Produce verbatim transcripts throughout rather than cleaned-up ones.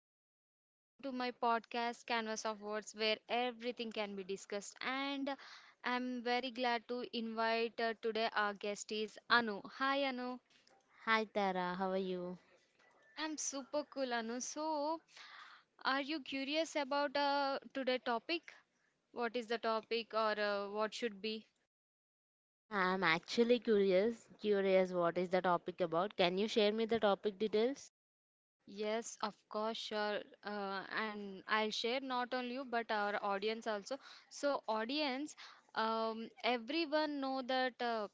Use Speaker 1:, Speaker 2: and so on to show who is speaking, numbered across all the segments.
Speaker 1: So, welcome to my podcast, Canvas of Words, where everything can be discussed. And I'm very glad to invite uh, today our guest is Anu. Hi, Anu.
Speaker 2: Hi Tara, how are you?
Speaker 1: I'm super cool, Anu. So, are you curious about uh, today topic? What is the topic or uh, what should be?
Speaker 2: Yeah, I'm actually curious. Curious what is the topic about? Can you share me the topic details?
Speaker 1: Yes, of course, sure. Uh, and I'll share not only you but our audience also. So, audience, um, everyone know that uh,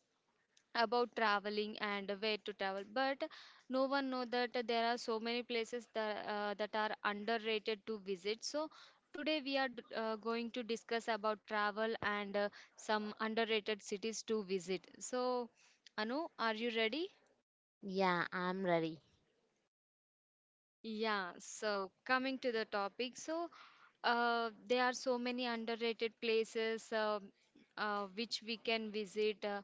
Speaker 1: about traveling and where to travel, but no one know that there are so many places that uh, that are underrated to visit. So, today we are d- uh, going to discuss about travel and uh, some underrated cities to visit. So, Anu, are you ready?
Speaker 2: Yeah, I'm ready.
Speaker 1: Yeah, so coming to the topic, so uh, there are so many underrated places uh, uh, which we can visit, uh,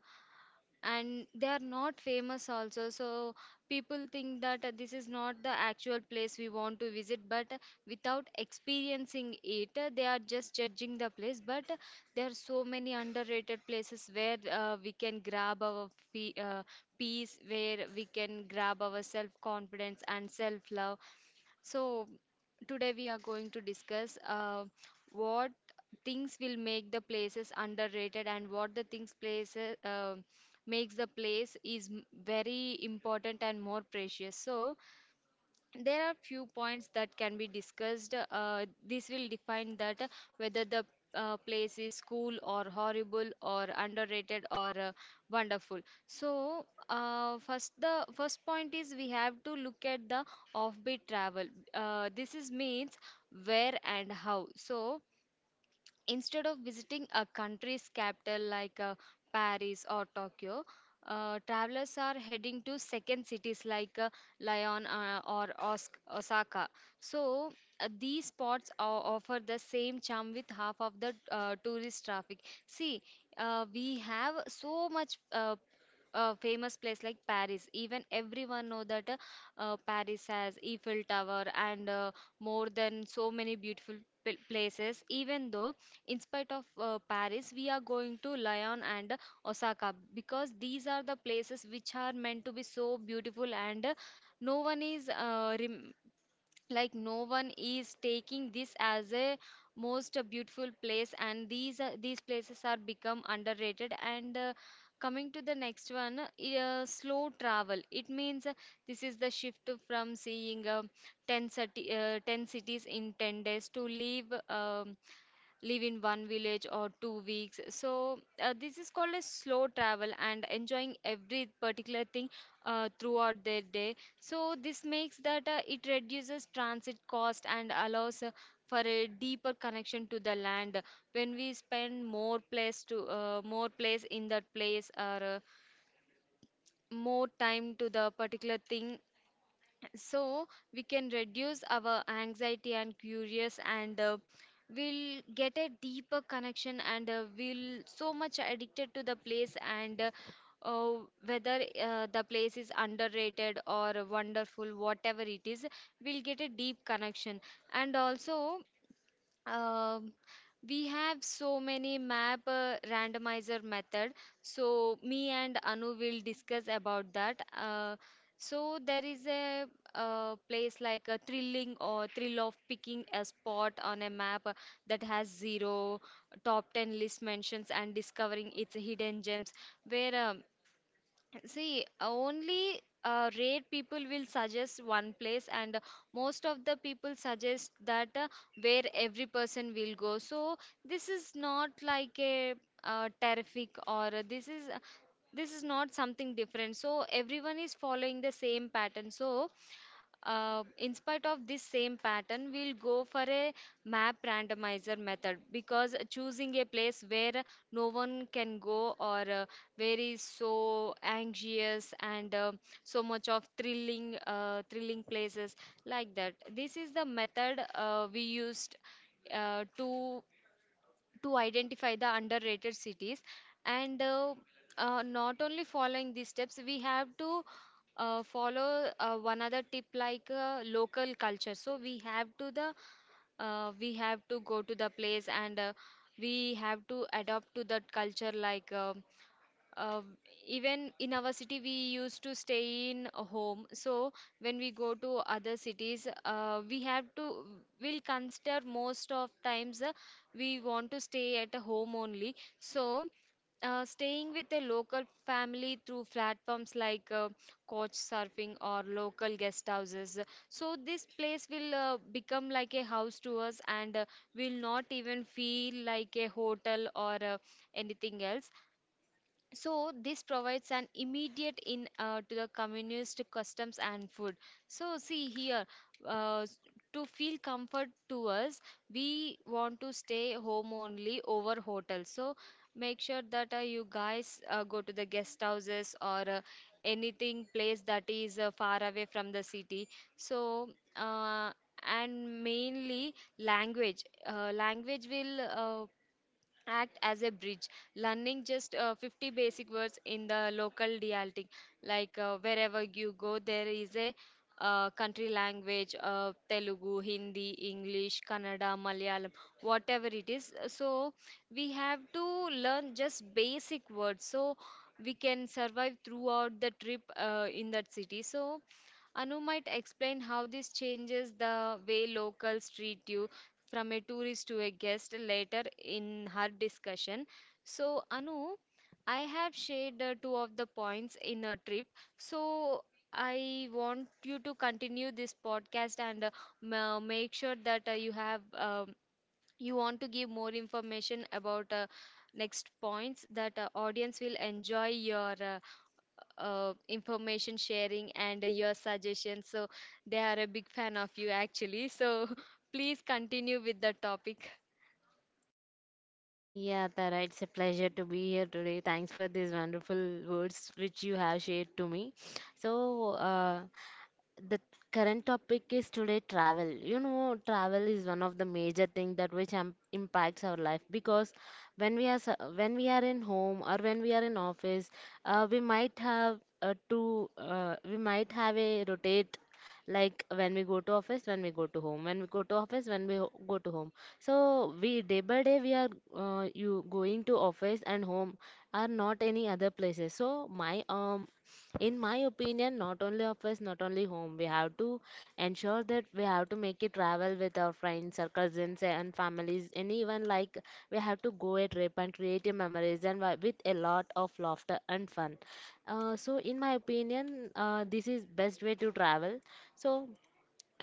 Speaker 1: and they are not famous also. So people think that uh, this is not the actual place we want to visit, but uh, without experiencing it, uh, they are just judging the place. But uh, there are so many underrated places where uh, we can grab our fee, uh, peace, where we can grab our self confidence and self love so, today we are going to discuss uh, what things will make the places underrated and what the things places uh, makes the place is m- very important and more precious. So, there are few points that can be discussed uh, This will define that uh, whether the uh, place is cool or horrible or underrated or uh, wonderful. So uh, first the first point is we have to look at the offbeat travel. Uh, this is means where and how. So instead of visiting a country's capital like uh, Paris or Tokyo, uh, travelers are heading to second cities like uh, Lyon uh, or Os- Osaka. So, uh, these spots o- offer the same charm with half of the uh, tourist traffic. See, uh, we have so much uh, uh, famous place like Paris. Even everyone know that uh, uh, Paris has Eiffel Tower and uh, more than so many beautiful pl- places. Even though, in spite of uh, Paris, we are going to Lyon and uh, Osaka because these are the places which are meant to be so beautiful and uh, no one is uh, rem like no one is taking this as a most beautiful place, and these are- these places are become underrated. And uh, coming to the next one, uh, slow travel. It means uh, this is the shift from seeing uh, ten city, uh, ten cities in ten days to leave um live in one village or two weeks. So uh, this is called a slow travel and enjoying every particular thing uh, throughout their day. So this makes that uh, it reduces transit cost and allows uh, for a deeper connection to the land. When we spend more place to uh, more place in that place or uh, more time to the particular thing, so we can reduce our anxiety and curious and uh, we'll get a deeper connection, and uh, we'll so much addicted to the place and uh, uh, whether uh, The place is underrated or wonderful, whatever it is, we'll get a deep connection. And also, um, we have so many map uh, randomizer method. So me and Anu will discuss about that. Uh, so there is a, uh place like a thrilling or thrill of picking a spot on a map uh, that has zero top ten list mentions and discovering its hidden gems where um, See, only uh, rare people will suggest one place, and uh, most of the people suggest that uh, where every person will go. So this is not like a uh, terrific or uh, this is this is not something different. So everyone is following the same pattern. So uh, in spite of this same pattern, we'll go for a map randomizer method because choosing a place where no one can go or uh, where is so anxious and uh, so much of thrilling, uh, thrilling places like that. This is the method uh, we used uh, to to identify the underrated cities. And uh, uh, not only following these steps, we have to uh, follow uh, one other tip like uh, local culture. So we have to the uh, we have to go to the place and uh, we have to adapt to that culture, like uh, uh, even in our city we used to stay in a home. So when we go to other cities, uh, we have to will consider most of times uh, we want to stay at a home only. So uh, staying with a local family through platforms like uh, coach surfing or local guest houses, so this place will uh, become like a house to us, and uh, will not even feel like a hotel or uh, anything else. So this provides an immediate in uh, to the communist customs and food. So see here, uh, s- to feel comfort to us, we want to stay home only over hotel. So make sure that uh, you guys uh, go to the guest houses or uh, anything place that is uh, far away from the city. So uh, and mainly language uh, language will uh, act as a bridge, learning just uh, fifty basic words in the local dialect. Like uh, wherever you go there is a uh, country language, uh, telugu hindi english kannada malayalam, whatever it is. So we have to learn just basic words, so we can survive throughout the trip uh, in that city. So Anu might explain how this changes the way locals treat you from a tourist to a guest later in her discussion. So, Anu, I have shared uh, two of the points in a trip. So, I want you to continue this podcast and uh, ma- make sure that uh, you have um, you want to give more information about uh, next points that uh, audience will enjoy your uh, uh, information sharing and your suggestions. So they are a big fan of you actually. So please continue with the topic.
Speaker 2: Yeah, Tara, it's a pleasure to be here today. Thanks for these wonderful words which you have shared to me. So, uh, the current topic is today travel you know travel is one of the major thing that which um, impacts our life because when we are s- when we are in home or when we are in office. Uh, we might have uh, to uh, we might have a rotate, like when we go to office, when we go to home, when we go to office, when we ho- go to home. So we day by day we are uh, you going to office and home, are not any other places. So my um in my opinion, not only office, not only home, we have to ensure that we have to make a travel with our friends, our cousins and families, and even like we have to go a trip and create a memories, and wi- with a lot of laughter and fun. Uh, so in my opinion, uh, this is best way to travel. So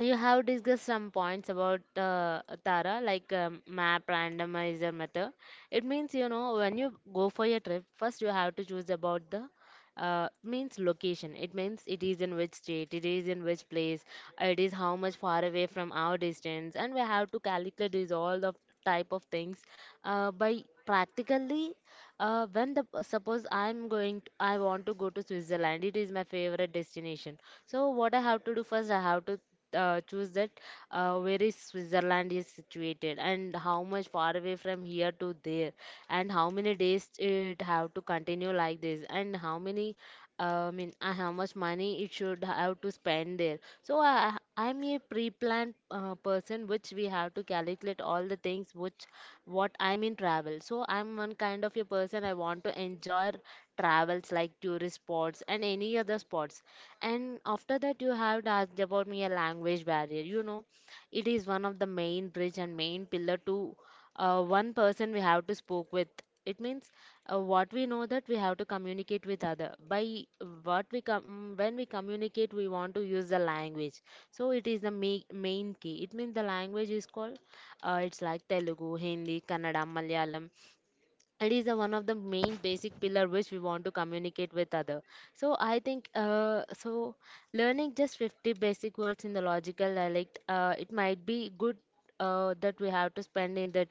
Speaker 2: you have discussed some points about, uh, Tara, like um, map randomizer method. It means, you know when you go for your trip, first you have to choose about the, uh, means, location. It means it is in which state, it is in which place, uh, it is how much far away from our distance, and we have to calculate these all the type of things uh, by practically. Uh, when the uh, Suppose I'm going, to, I want to go to Switzerland. It is my favorite destination. So what I have to do first, I have to uh, choose that uh, where is Switzerland is situated, and how much far away from here to there, and how many days it have to continue like this, and how many, uh, I mean, uh, how much money it should have to spend there. So I, I- I'm a pre-planned uh, person, which we have to calculate all the things which what I'm in travel. So I'm one kind of a person. I want to enjoy travels like tourist spots and any other spots. And after that, you have asked about me a language barrier. You know, it is one of the main bridge and main pillar to, uh, one person we have to spoke with. It means, uh, what we know that we have to communicate with other. By what we com- When we communicate, we want to use the language. So it is the ma- main key. It means the language is called, uh, it's like Telugu, Hindi, Kannada, Malayalam. It is a, one of the main basic pillar which we want to communicate with other. So I think, uh, so learning just fifty basic words in the logical dialect, uh, it might be good uh, that we have to spend in that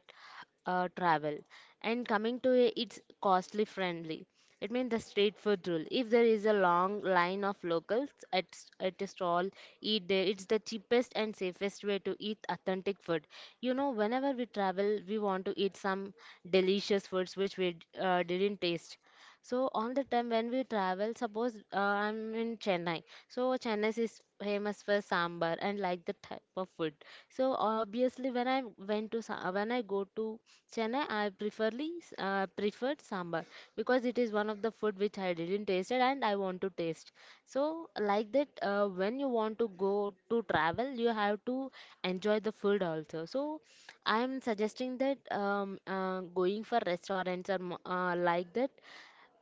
Speaker 2: uh, travel. And coming to it, it's costly friendly. It means the street food rule. If there is a long line of locals at, s- at a stall, eat there. It's the cheapest and safest way to eat authentic food. You know, whenever we travel, we want to eat some delicious foods which we uh, didn't taste. So all the time when we travel, suppose, uh, I'm in Chennai. So Chennai is famous for sambar and like the type of food. So obviously, when I went to Sa- when I go to Chennai, I preferly uh, preferred sambar, because it is one of the food which I didn't tasted and I want to taste. So like that, uh, when you want to go to travel, you have to enjoy the food also. So I'm suggesting that, um, uh, going for restaurants or mo- uh, like that,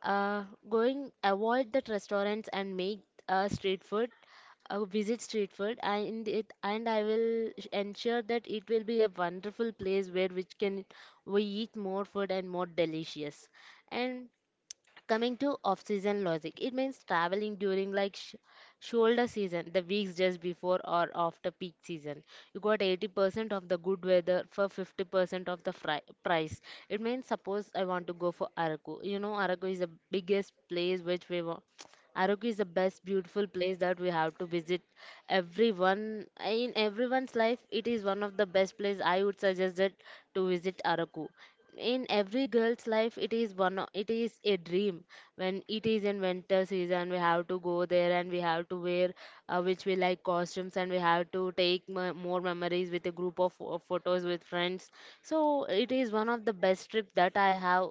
Speaker 2: uh, going, avoid that restaurants and make, uh, street food, uh, visit street food, and it and I will sh- ensure that it will be a wonderful place where which can we eat more food and more delicious. And coming to off-season logic, it means traveling during like sh- shoulder season, the weeks just before or after peak season. You got eighty percent of the good weather for fifty percent of the fri- price. It means, suppose I want to go for Araku. You know, Araku is the biggest place which we wa- Arauco is the best beautiful place that we have to visit. Everyone in everyone's life, it is one of the best place I would suggest that to visit Arauco. In every girl's life, it is one o- it is a dream. When it is in winter season, we have to go there, and we have to wear, uh, which we like costumes, and we have to take mo- more memories, with a group of pho- photos with friends. So it is one of the best trip that I have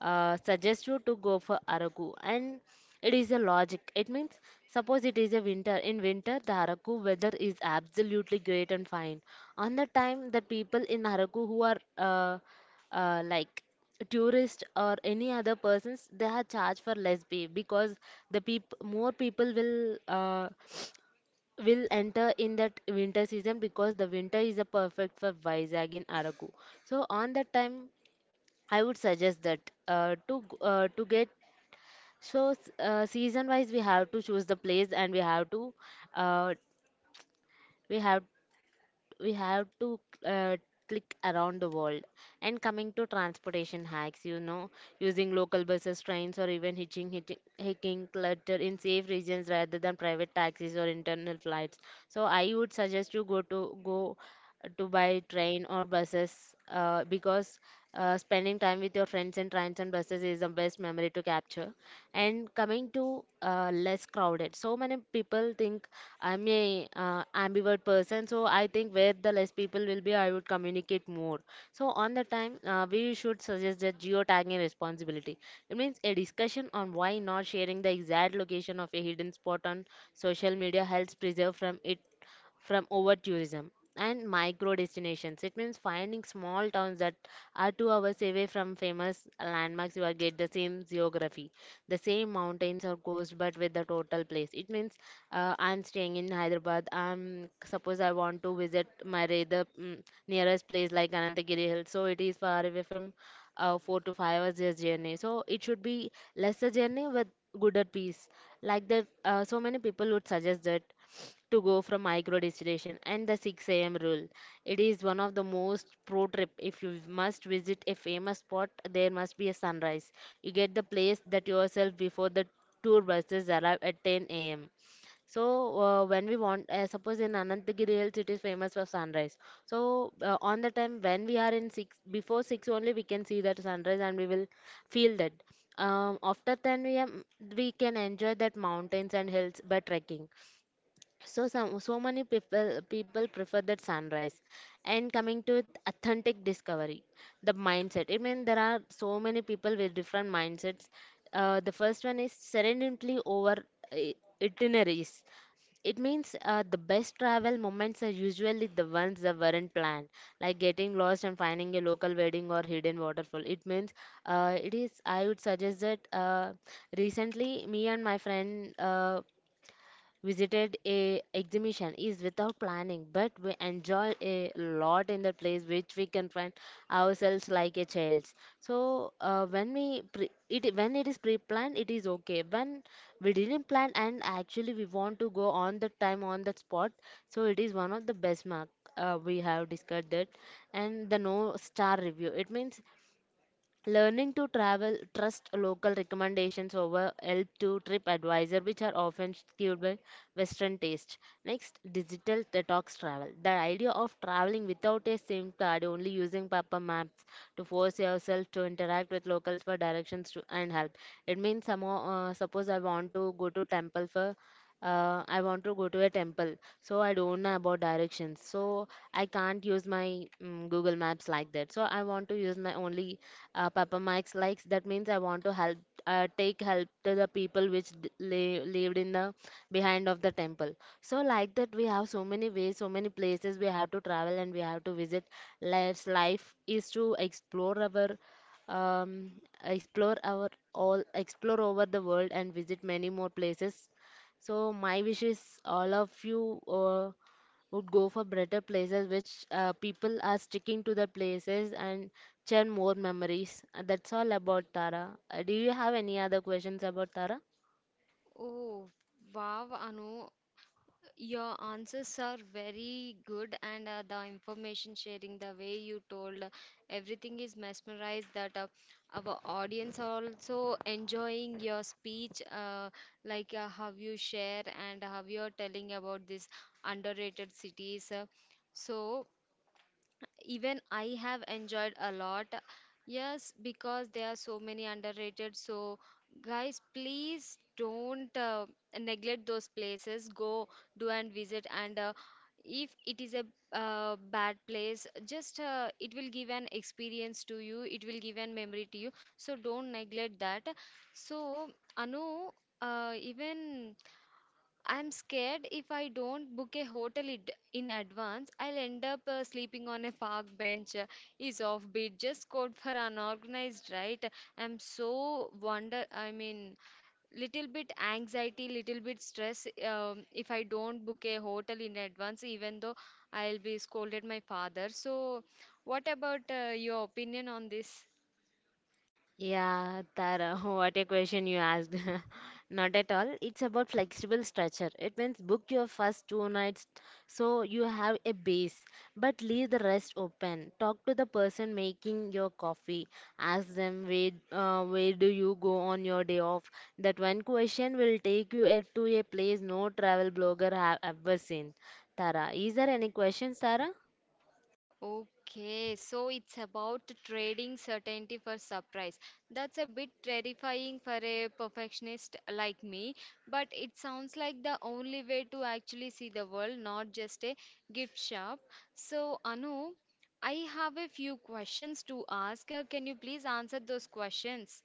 Speaker 2: uh, suggest you, to go for Araku. And it is a logic. It means, suppose it is a winter. In winter, the Haraku weather is absolutely great and fine. On the time, the people in Haraku who are, uh, uh, like tourists or any other persons, they are charged for less pay, because the peop more people will uh, will enter in that winter season, because the winter is a perfect for Vizag in Araku. So on that time, I would suggest that, uh, to g- uh, to get so s- uh, season wise, we have to choose the place, and we have to, uh, we have we have to uh, click around the world. And coming to transportation hacks, you know, using local buses, trains, or even hitching, hitching, hiking clutter in safe regions, rather than private taxis or internal flights. So I would suggest you, go to go to buy train or buses, uh, because uh, spending time with your friends in trains and buses is the best memory to capture. And coming to, uh, less crowded, so many people think, I'm a uh, ambivert person. So I think where the less people will be, I would communicate more. So on the time, uh, we should suggest that geotagging responsibility. It means a discussion on why not sharing the exact location of a hidden spot on social media helps preserve from it, from over tourism, and micro destinations. It means finding small towns that are two hours away from famous landmarks. You are get the same geography, the same mountains or coast, but with the total place. It means, uh, I'm staying in Hyderabad. I'm suppose I want to visit my the mm, nearest place like Anantagiri Hills. So it is far away from, uh, four to five hours just journey. So it should be lesser journey with gooder peace. Like that, uh, so many people would suggest that to go from micro distillation, and the six a m rule. It is one of the most pro trip. If you must visit a famous spot, there must be a sunrise. You get the place that yourself before the tour buses arrive at ten a m. So, uh, when we want, uh, suppose in Anantagiri Hills, it is famous for sunrise. So, uh, on the time when we are in six, before six only, we can see that sunrise, and we will feel that. Um, after ten a m we can enjoy that mountains and hills by trekking. So some so many people people prefer that sunrise. And coming to it, authentic discovery, the mindset. I mean, there are so many people with different mindsets. Uh, the first one is serenely over i- itineraries. It means, uh, the best travel moments are usually the ones that weren't planned, like getting lost and finding a local wedding or hidden waterfall. It means, uh, it is I would suggest that, uh, recently me and my friend uh, visited a exhibition is without planning, but we enjoy a lot in the place which we can find ourselves like a child. So, uh, when we pre- it when it is pre-planned, it is okay. When we didn't plan and actually we want to go on the time on that spot, so it is one of the best mark. Uh, we have discussed that. And the no star review, it means learning to travel, trust local recommendations over help to TripAdvisor, which are often skewed by Western taste. Next, digital detox travel. The idea of traveling without a SIM card, only using paper maps, to force yourself to interact with locals for directions to, and help. It means, somehow, uh, suppose I want to go to temple for uh, I want to go to a temple. So I don't know about directions, so I can't use my mm Google Maps like that. So I want to use my only, uh, Papa Mike's likes. That means I want to help, uh, take help to the people which d- li- lived in the behind of the temple. So like that, we have so many ways, so many places we have to travel and we have to visit. Let's life is to explore our um, explore our all explore over the world and visit many more places. So my wish is all of you uh, would go for better places, which uh, people are sticking to the places and churn more memories. Uh, That's all about Tara. Uh, do you have any other questions about Tara?
Speaker 1: Oh, wow, Anu, your answers are very good, and uh, the information sharing, the way you told, uh, everything is mesmerized that uh, our audience are also enjoying your speech, uh, like uh, how you share and how you're telling about these underrated cities. Uh, so, Even I have enjoyed a lot. Yes, because there are so many underrated. So, guys, please don't uh, neglect those places. Go do and visit. And uh, if it is a uh, bad place, just uh, it will give an experience to you. It will give an memory to you. So don't neglect that. So, Anu, uh, even I'm scared if I don't book a hotel id- in advance, I'll end up uh, sleeping on a park bench. uh, Is offbeat just code for unorganized, right? I'm so wonder, I mean, little bit anxiety, little bit stress, um, if I don't book a hotel in advance, even though I'll be scolded my father. So, what about uh, your opinion on this?
Speaker 2: Yeah, Tara, what a question you asked. Not at all. It's about flexible structure. It means book your first two nights so you have a base, but leave the rest open. Talk to the person making your coffee. Ask them where uh, where do you go on your day off. That one question will take you a- to a place no travel blogger have ever seen. Tara, is there any questions, Tara?
Speaker 1: Okay, so it's about trading certainty for surprise. That's a bit terrifying for a perfectionist like me, but it sounds like the only way to actually see the world, not just a gift shop. So, Anu, I have a few questions to ask. Uh, Can you please answer those questions?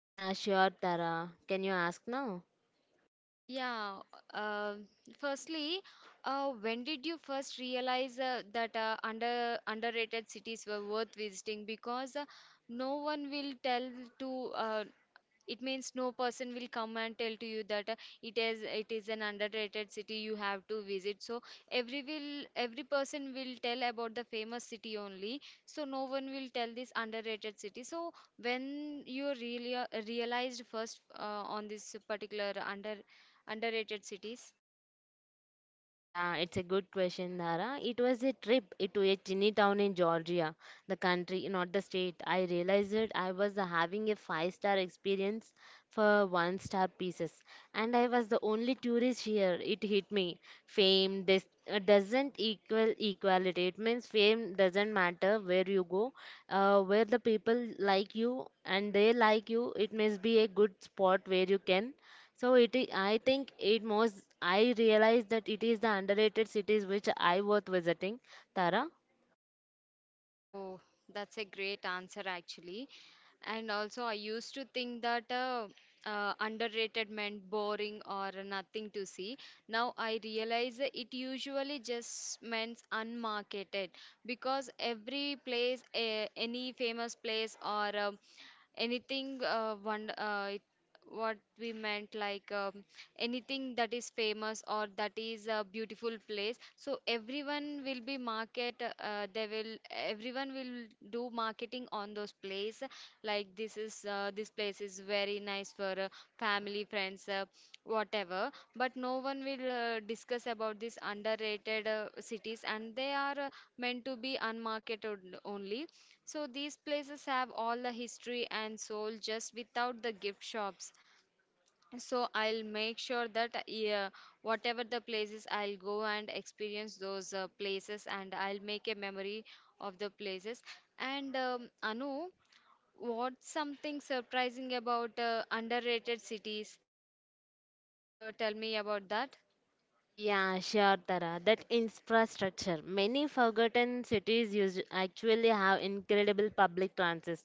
Speaker 2: Yeah, sure, Tara. Can you ask now?
Speaker 1: Yeah. Uh, firstly, uh, when did you first realize uh, that uh, under underrated cities were worth visiting? Because uh, no one will tell to uh, it means no person will come and tell to you that uh, it is it is an underrated city you have to visit. So every will every person will tell about the famous city only, so no one will tell this underrated city. So when you really uh, realized first uh, on this particular under underrated cities.
Speaker 2: Yeah, it's a good question, Dara. It was a trip to a tiny town in Georgia, the country, not the state. I realized that I was having a five-star experience for one-star pieces, and I was the only tourist here. It hit me. Fame, this uh, doesn't equal equality. It means fame doesn't matter where you go, uh, where the people like you and they like you. It must be a good spot where you can. So it is, I think it most I realized that it is the underrated cities which I worth visiting, Tara.
Speaker 1: Oh, that's a great answer actually. And also, I used to think that uh, uh, underrated meant boring or nothing to see. Now I realize that it usually just meant unmarketed because every place, a any famous place or a anything uh, one uh, it, what we meant like um, anything that is famous or that is a beautiful place, so everyone will be market uh, they will everyone will do marketing on those place. Like, this is uh, this place is very nice for uh, family friends, uh, whatever. But no one will uh, discuss about these underrated uh, cities, and they are uh, meant to be unmarketed only. So these places have all the history and soul, just without the gift shops. So I'll make sure that, uh, yeah, whatever the places, I'll go and experience those uh, places, and I'll make a memory of the places. And, um, Anu, what's something surprising about uh, underrated cities? Can you please uh, tell me about that?
Speaker 2: Yeah, sure, Tara. That infrastructure. Many forgotten cities use, actually have incredible public transit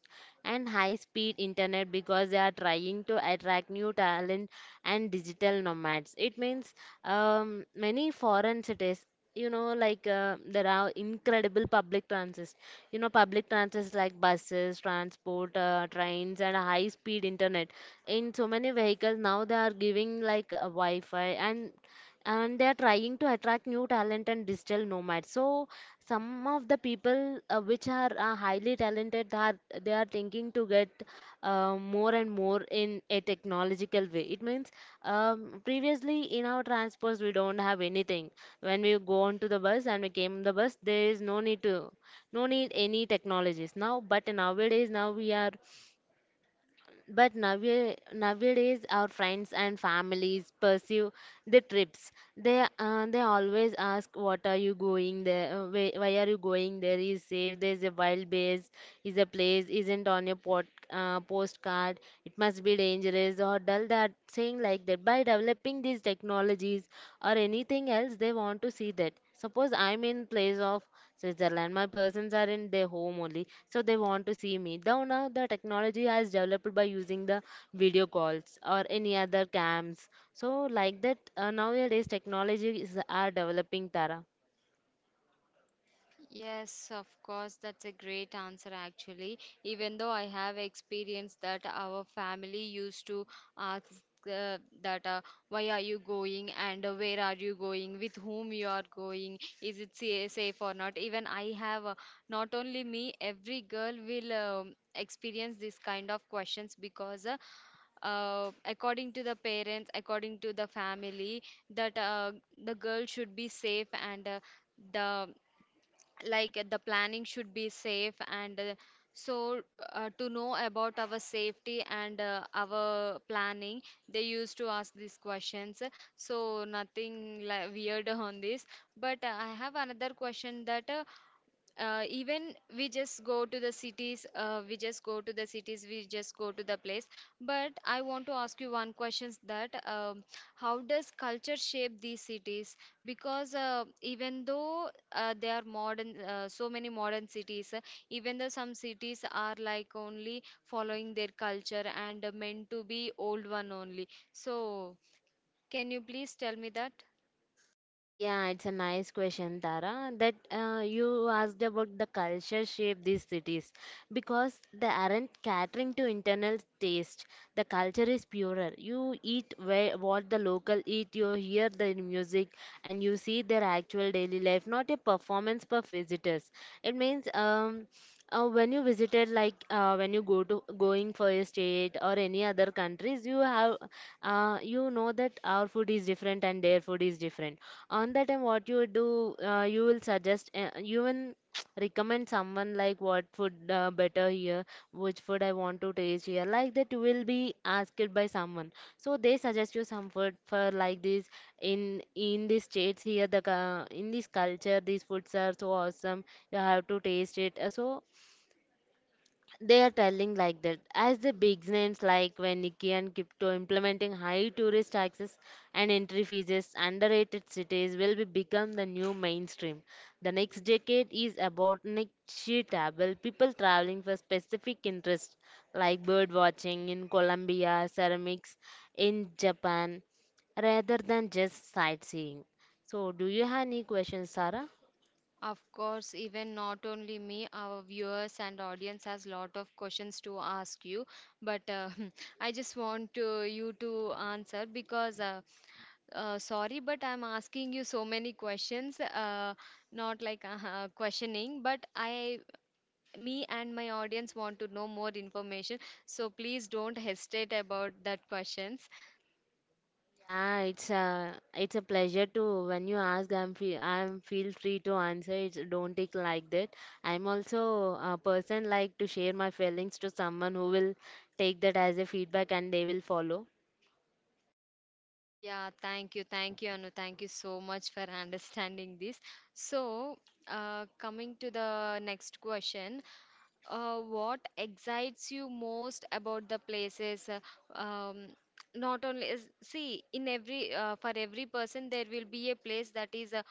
Speaker 2: and high-speed internet because they are trying to attract new talent and digital nomads. It means, um, many foreign cities. You know, like uh, there are incredible public transit. You know, public transit like buses, transport, uh, trains, and high-speed internet. In so many vehicles now, they are giving like a Wi-Fi, and and they are trying to attract new talent and digital nomads. So some of the people uh, which are uh, highly talented, they are they are thinking to get uh, more and more in a technological way. It means, um, previously in our transports we don't have anything. When we go on to the bus and we came on the bus, there is no need to, no need any technologies now, but nowadays now we are but nowadays, nowadays our friends and families pursue the trips. They uh, they always ask, "What are you going there? Uh, Why, why are you going there? Is safe? There's a wild bears. Is a place isn't on your pot, uh, postcard. It must be dangerous or dull." That saying like that. By developing these technologies or anything else, they want to see that. Suppose I'm in place of Switzerland, my persons are in their home only, so they want to see me. Though now the technology has developed by using the video calls or any other cams. So like that, uh, nowadays technologies are developing, Tara.
Speaker 1: Yes, of course, that's a great answer actually. Even though I have experienced that our family used to ask, uh, that uh, why are you going, and uh, where are you going, with whom you are going, is it sa- safe or not. Even I have, uh, not only me, every girl will um, experience this kind of questions, because uh, uh, according to the parents, according to the family, that uh, the girl should be safe, and uh, the like uh, the planning should be safe, and uh, so uh, to know about our safety and uh, our planning, they used to ask these questions. So nothing like weird on this. But uh, I have another question that, uh, uh, even we just go to the cities uh, we just go to the cities, we just go to the place, but I want to ask you one question that, um, how does culture shape these cities? Because uh, even though uh, they are modern, uh, so many modern cities, uh, even though some cities are like only following their culture and uh, meant to be old one only. So can you please tell me that?
Speaker 2: Yeah, it's a nice question, Tara, that uh, you asked about the culture shape these cities, because they aren't catering to internal taste. The culture is purer. You eat where, what the local eat, you hear their music, and you see their actual daily life, not a performance for visitors. It means, um, uh, when you visited, like uh, when you go to going for a state or any other countries, you have, uh, you know that our food is different and their food is different. On that time, what you would do, uh, you will suggest, uh, you will recommend someone like what food uh, better here, which food I want to taste here. Like that, you will be asked by someone. So they suggest you some food for like this in in these states here. The cu- in this culture, these foods are so awesome. You have to taste it. Uh, So they are telling like that, as the big names like Veniki and Kipto implementing high tourist taxes and entry fees, underrated cities will be become the new mainstream. The next decade is about niche-table people traveling for specific interests like bird watching in Colombia, ceramics in Japan, rather than just sightseeing. So, do you have any questions, Sarah?
Speaker 1: Of course, even not only me, our viewers and audience has lot of questions to ask you. But uh, I just want to, you to answer, because uh, uh, sorry, but I'm asking you so many questions. Uh, not like uh, uh, questioning, but I, me and my audience want to know more information. So please don't hesitate about that questions.
Speaker 2: Yeah, it's a it's a pleasure to when you ask. I'm feel I'm feel free to answer. It's don't take like that. I'm also a person like to share my feelings to someone who will take that as a feedback and they will follow.
Speaker 1: Yeah, thank you, thank you, Anu. Thank you so much for understanding this. So, uh, coming to the next question, uh, what excites you most about the places? uh, Um, Not only is, see, in every uh, for every person there will be a place that is uh,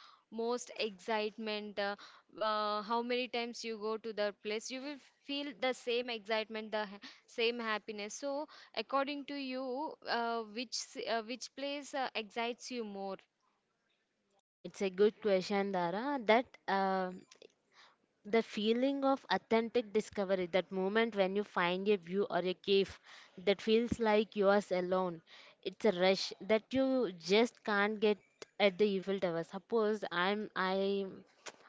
Speaker 1: most excitement. Uh, uh, how many times you go to that place, you will feel the same excitement, the ha same happiness. So, according to you, uh, which s- uh, which place uh, excites you more?
Speaker 2: Yeah, it's a good question, Dara. That uh, the feeling of authentic discovery, that moment when you find a view or a cave that feels like yours alone, it's a rush that you just can't get at the Eiffel Tower. Suppose I'm I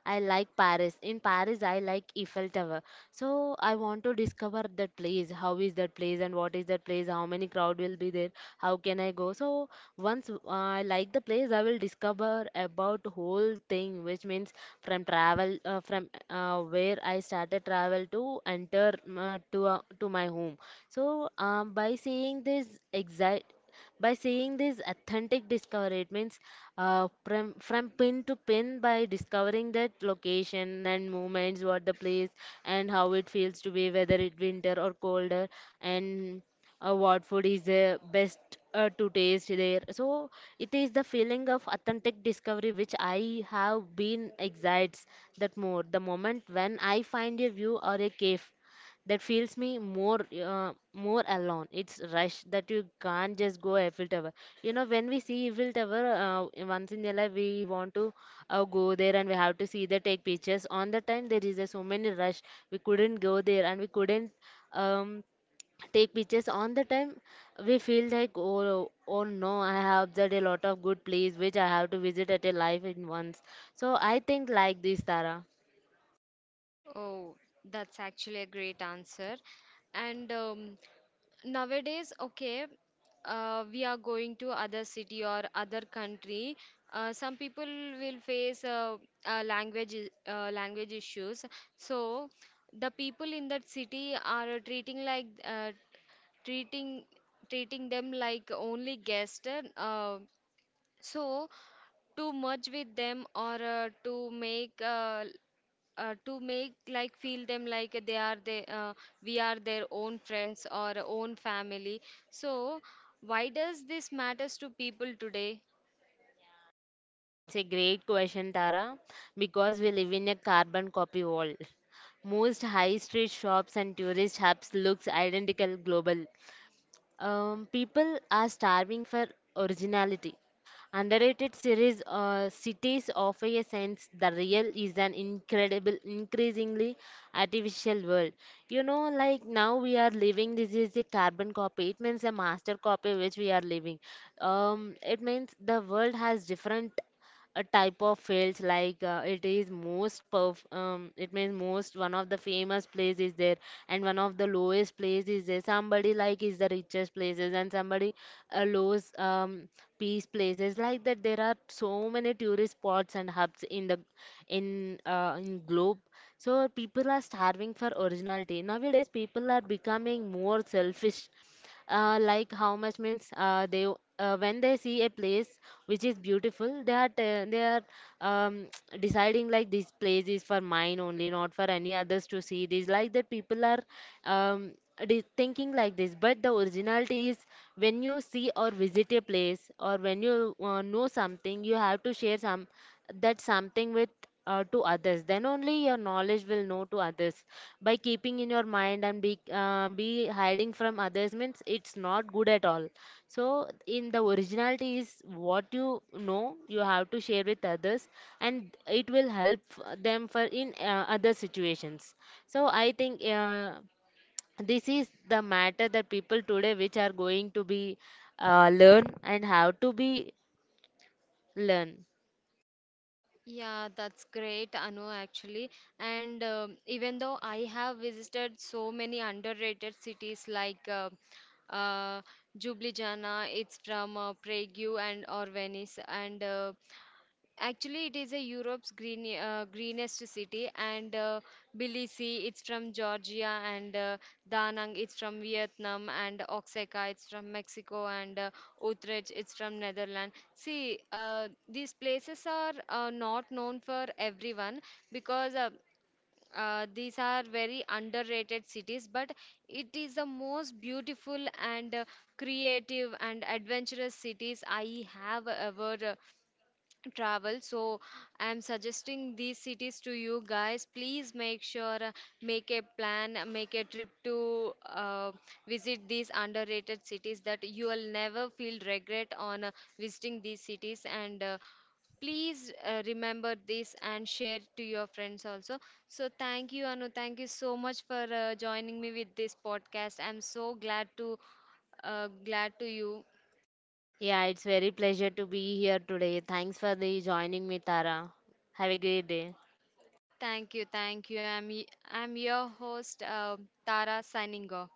Speaker 2: I like Paris. In Paris, I like Eiffel Tower. So I want to discover that place. How is that place and what is that place? How many crowd will be there? How can I go? So once uh, I like the place, I will discover about whole thing, which means from travel, uh, from uh, where I started travel to enter, uh, to uh, to my home. So, um, by seeing this exact. By seeing this authentic discovery, it means, uh, from, from pin to pin by discovering that location and movements, what the place is, and how it feels to be, whether it winter or colder, and uh, what food is the best uh, to taste there. So it is the feeling of authentic discovery which I have been excites that more. The moment when I find a view or a cave that feels me more uh, more alone, it's rush that you can't just go Eiffel Tower. You know, when we see Eiffel Tower, uh, once in a life we want to, uh, go there and we have to see, the take pictures on the time there is a so many rush, we couldn't go there and we couldn't, um take pictures on the time. We feel like, oh oh no, I have observed a lot of good place which I have to visit at a life in once. So I think like this, Tara.
Speaker 1: Oh, that's actually a great answer. And, um, nowadays, okay, uh, we are going to other city or other country. Uh, some people will face uh, uh, language i- uh, language issues. So the people in that city are treating like, uh, treating treating them like only guest. Uh, so to merge with them, or uh, to make uh, uh, to make like feel them like they are they uh, we are their own friends or own family. So why does this matters to people today?
Speaker 2: It's a great question, Tara, because we live in a carbon copy world. Most high street shops and tourist hubs looks identical global. Um, people are starving for originality. Underrated series uh, cities offer a sense the real is an incredible, increasingly artificial world. You know, like now we are living. This is a carbon copy. It means a master copy which we are living. Um, it means the world has different a type of fields, like uh, it is most perf- um, it means most one of the famous place is there and one of the lowest place is there, somebody like is the richest places and somebody uh, lowest, um, peace places. Like that, there are so many tourist spots and hubs in the in uh, in globe. So people are starving for originality. Nowadays people are becoming more selfish, uh, like how much means, uh, they uh, when they see a place which is beautiful, they are te- they are um, deciding like this place is for mine only, not for any others to see this. Like that people are, um, de- thinking like this. But the originality is, when you see or visit a place or when you uh, know something, you have to share some, that something with, uh, to others. Then only your knowledge will know to others. By keeping in your mind and be uh, be hiding from others means it's not good at all. So in the originality is, what you know you have to share with others, and it will help f- them for, in uh, other situations. So I think, uh, this is the matter that people today which are going to be, uh, learn and how to be learn.
Speaker 1: Yeah, that's great, Anu, actually. And, um, even though I have visited so many underrated cities, like uh, uh, Ljubljana, it's from uh, Prague, and or Venice, and, uh, actually, it is a Europe's green, uh, greenest city, and, uh, Tbilisi, it's from Georgia, and, uh, Da Nang, it's from Vietnam, and Oaxaca, it's from Mexico, and, uh, Utrecht, it's from Netherlands. See, uh, these places are uh, not known for everyone, because uh, uh, these are very underrated cities, but it is the most beautiful and uh, creative and adventurous cities I have ever travel. So I'm suggesting these cities to you guys. Please make sure, uh, make a plan, uh, make a trip to uh, visit these underrated cities, that you will never feel regret on uh, visiting these cities. And uh, please uh, remember this and share to your friends also. So thank you, Anu, thank you so much for uh, joining me with this podcast. I'm so glad to, uh, glad to you.
Speaker 2: Yeah, it's very pleasure to be here today. Thanks for the joining me, Tara. Have a great day.
Speaker 1: Thank you, thank you. I'm y- I'm your host, uh, Tara, signing off.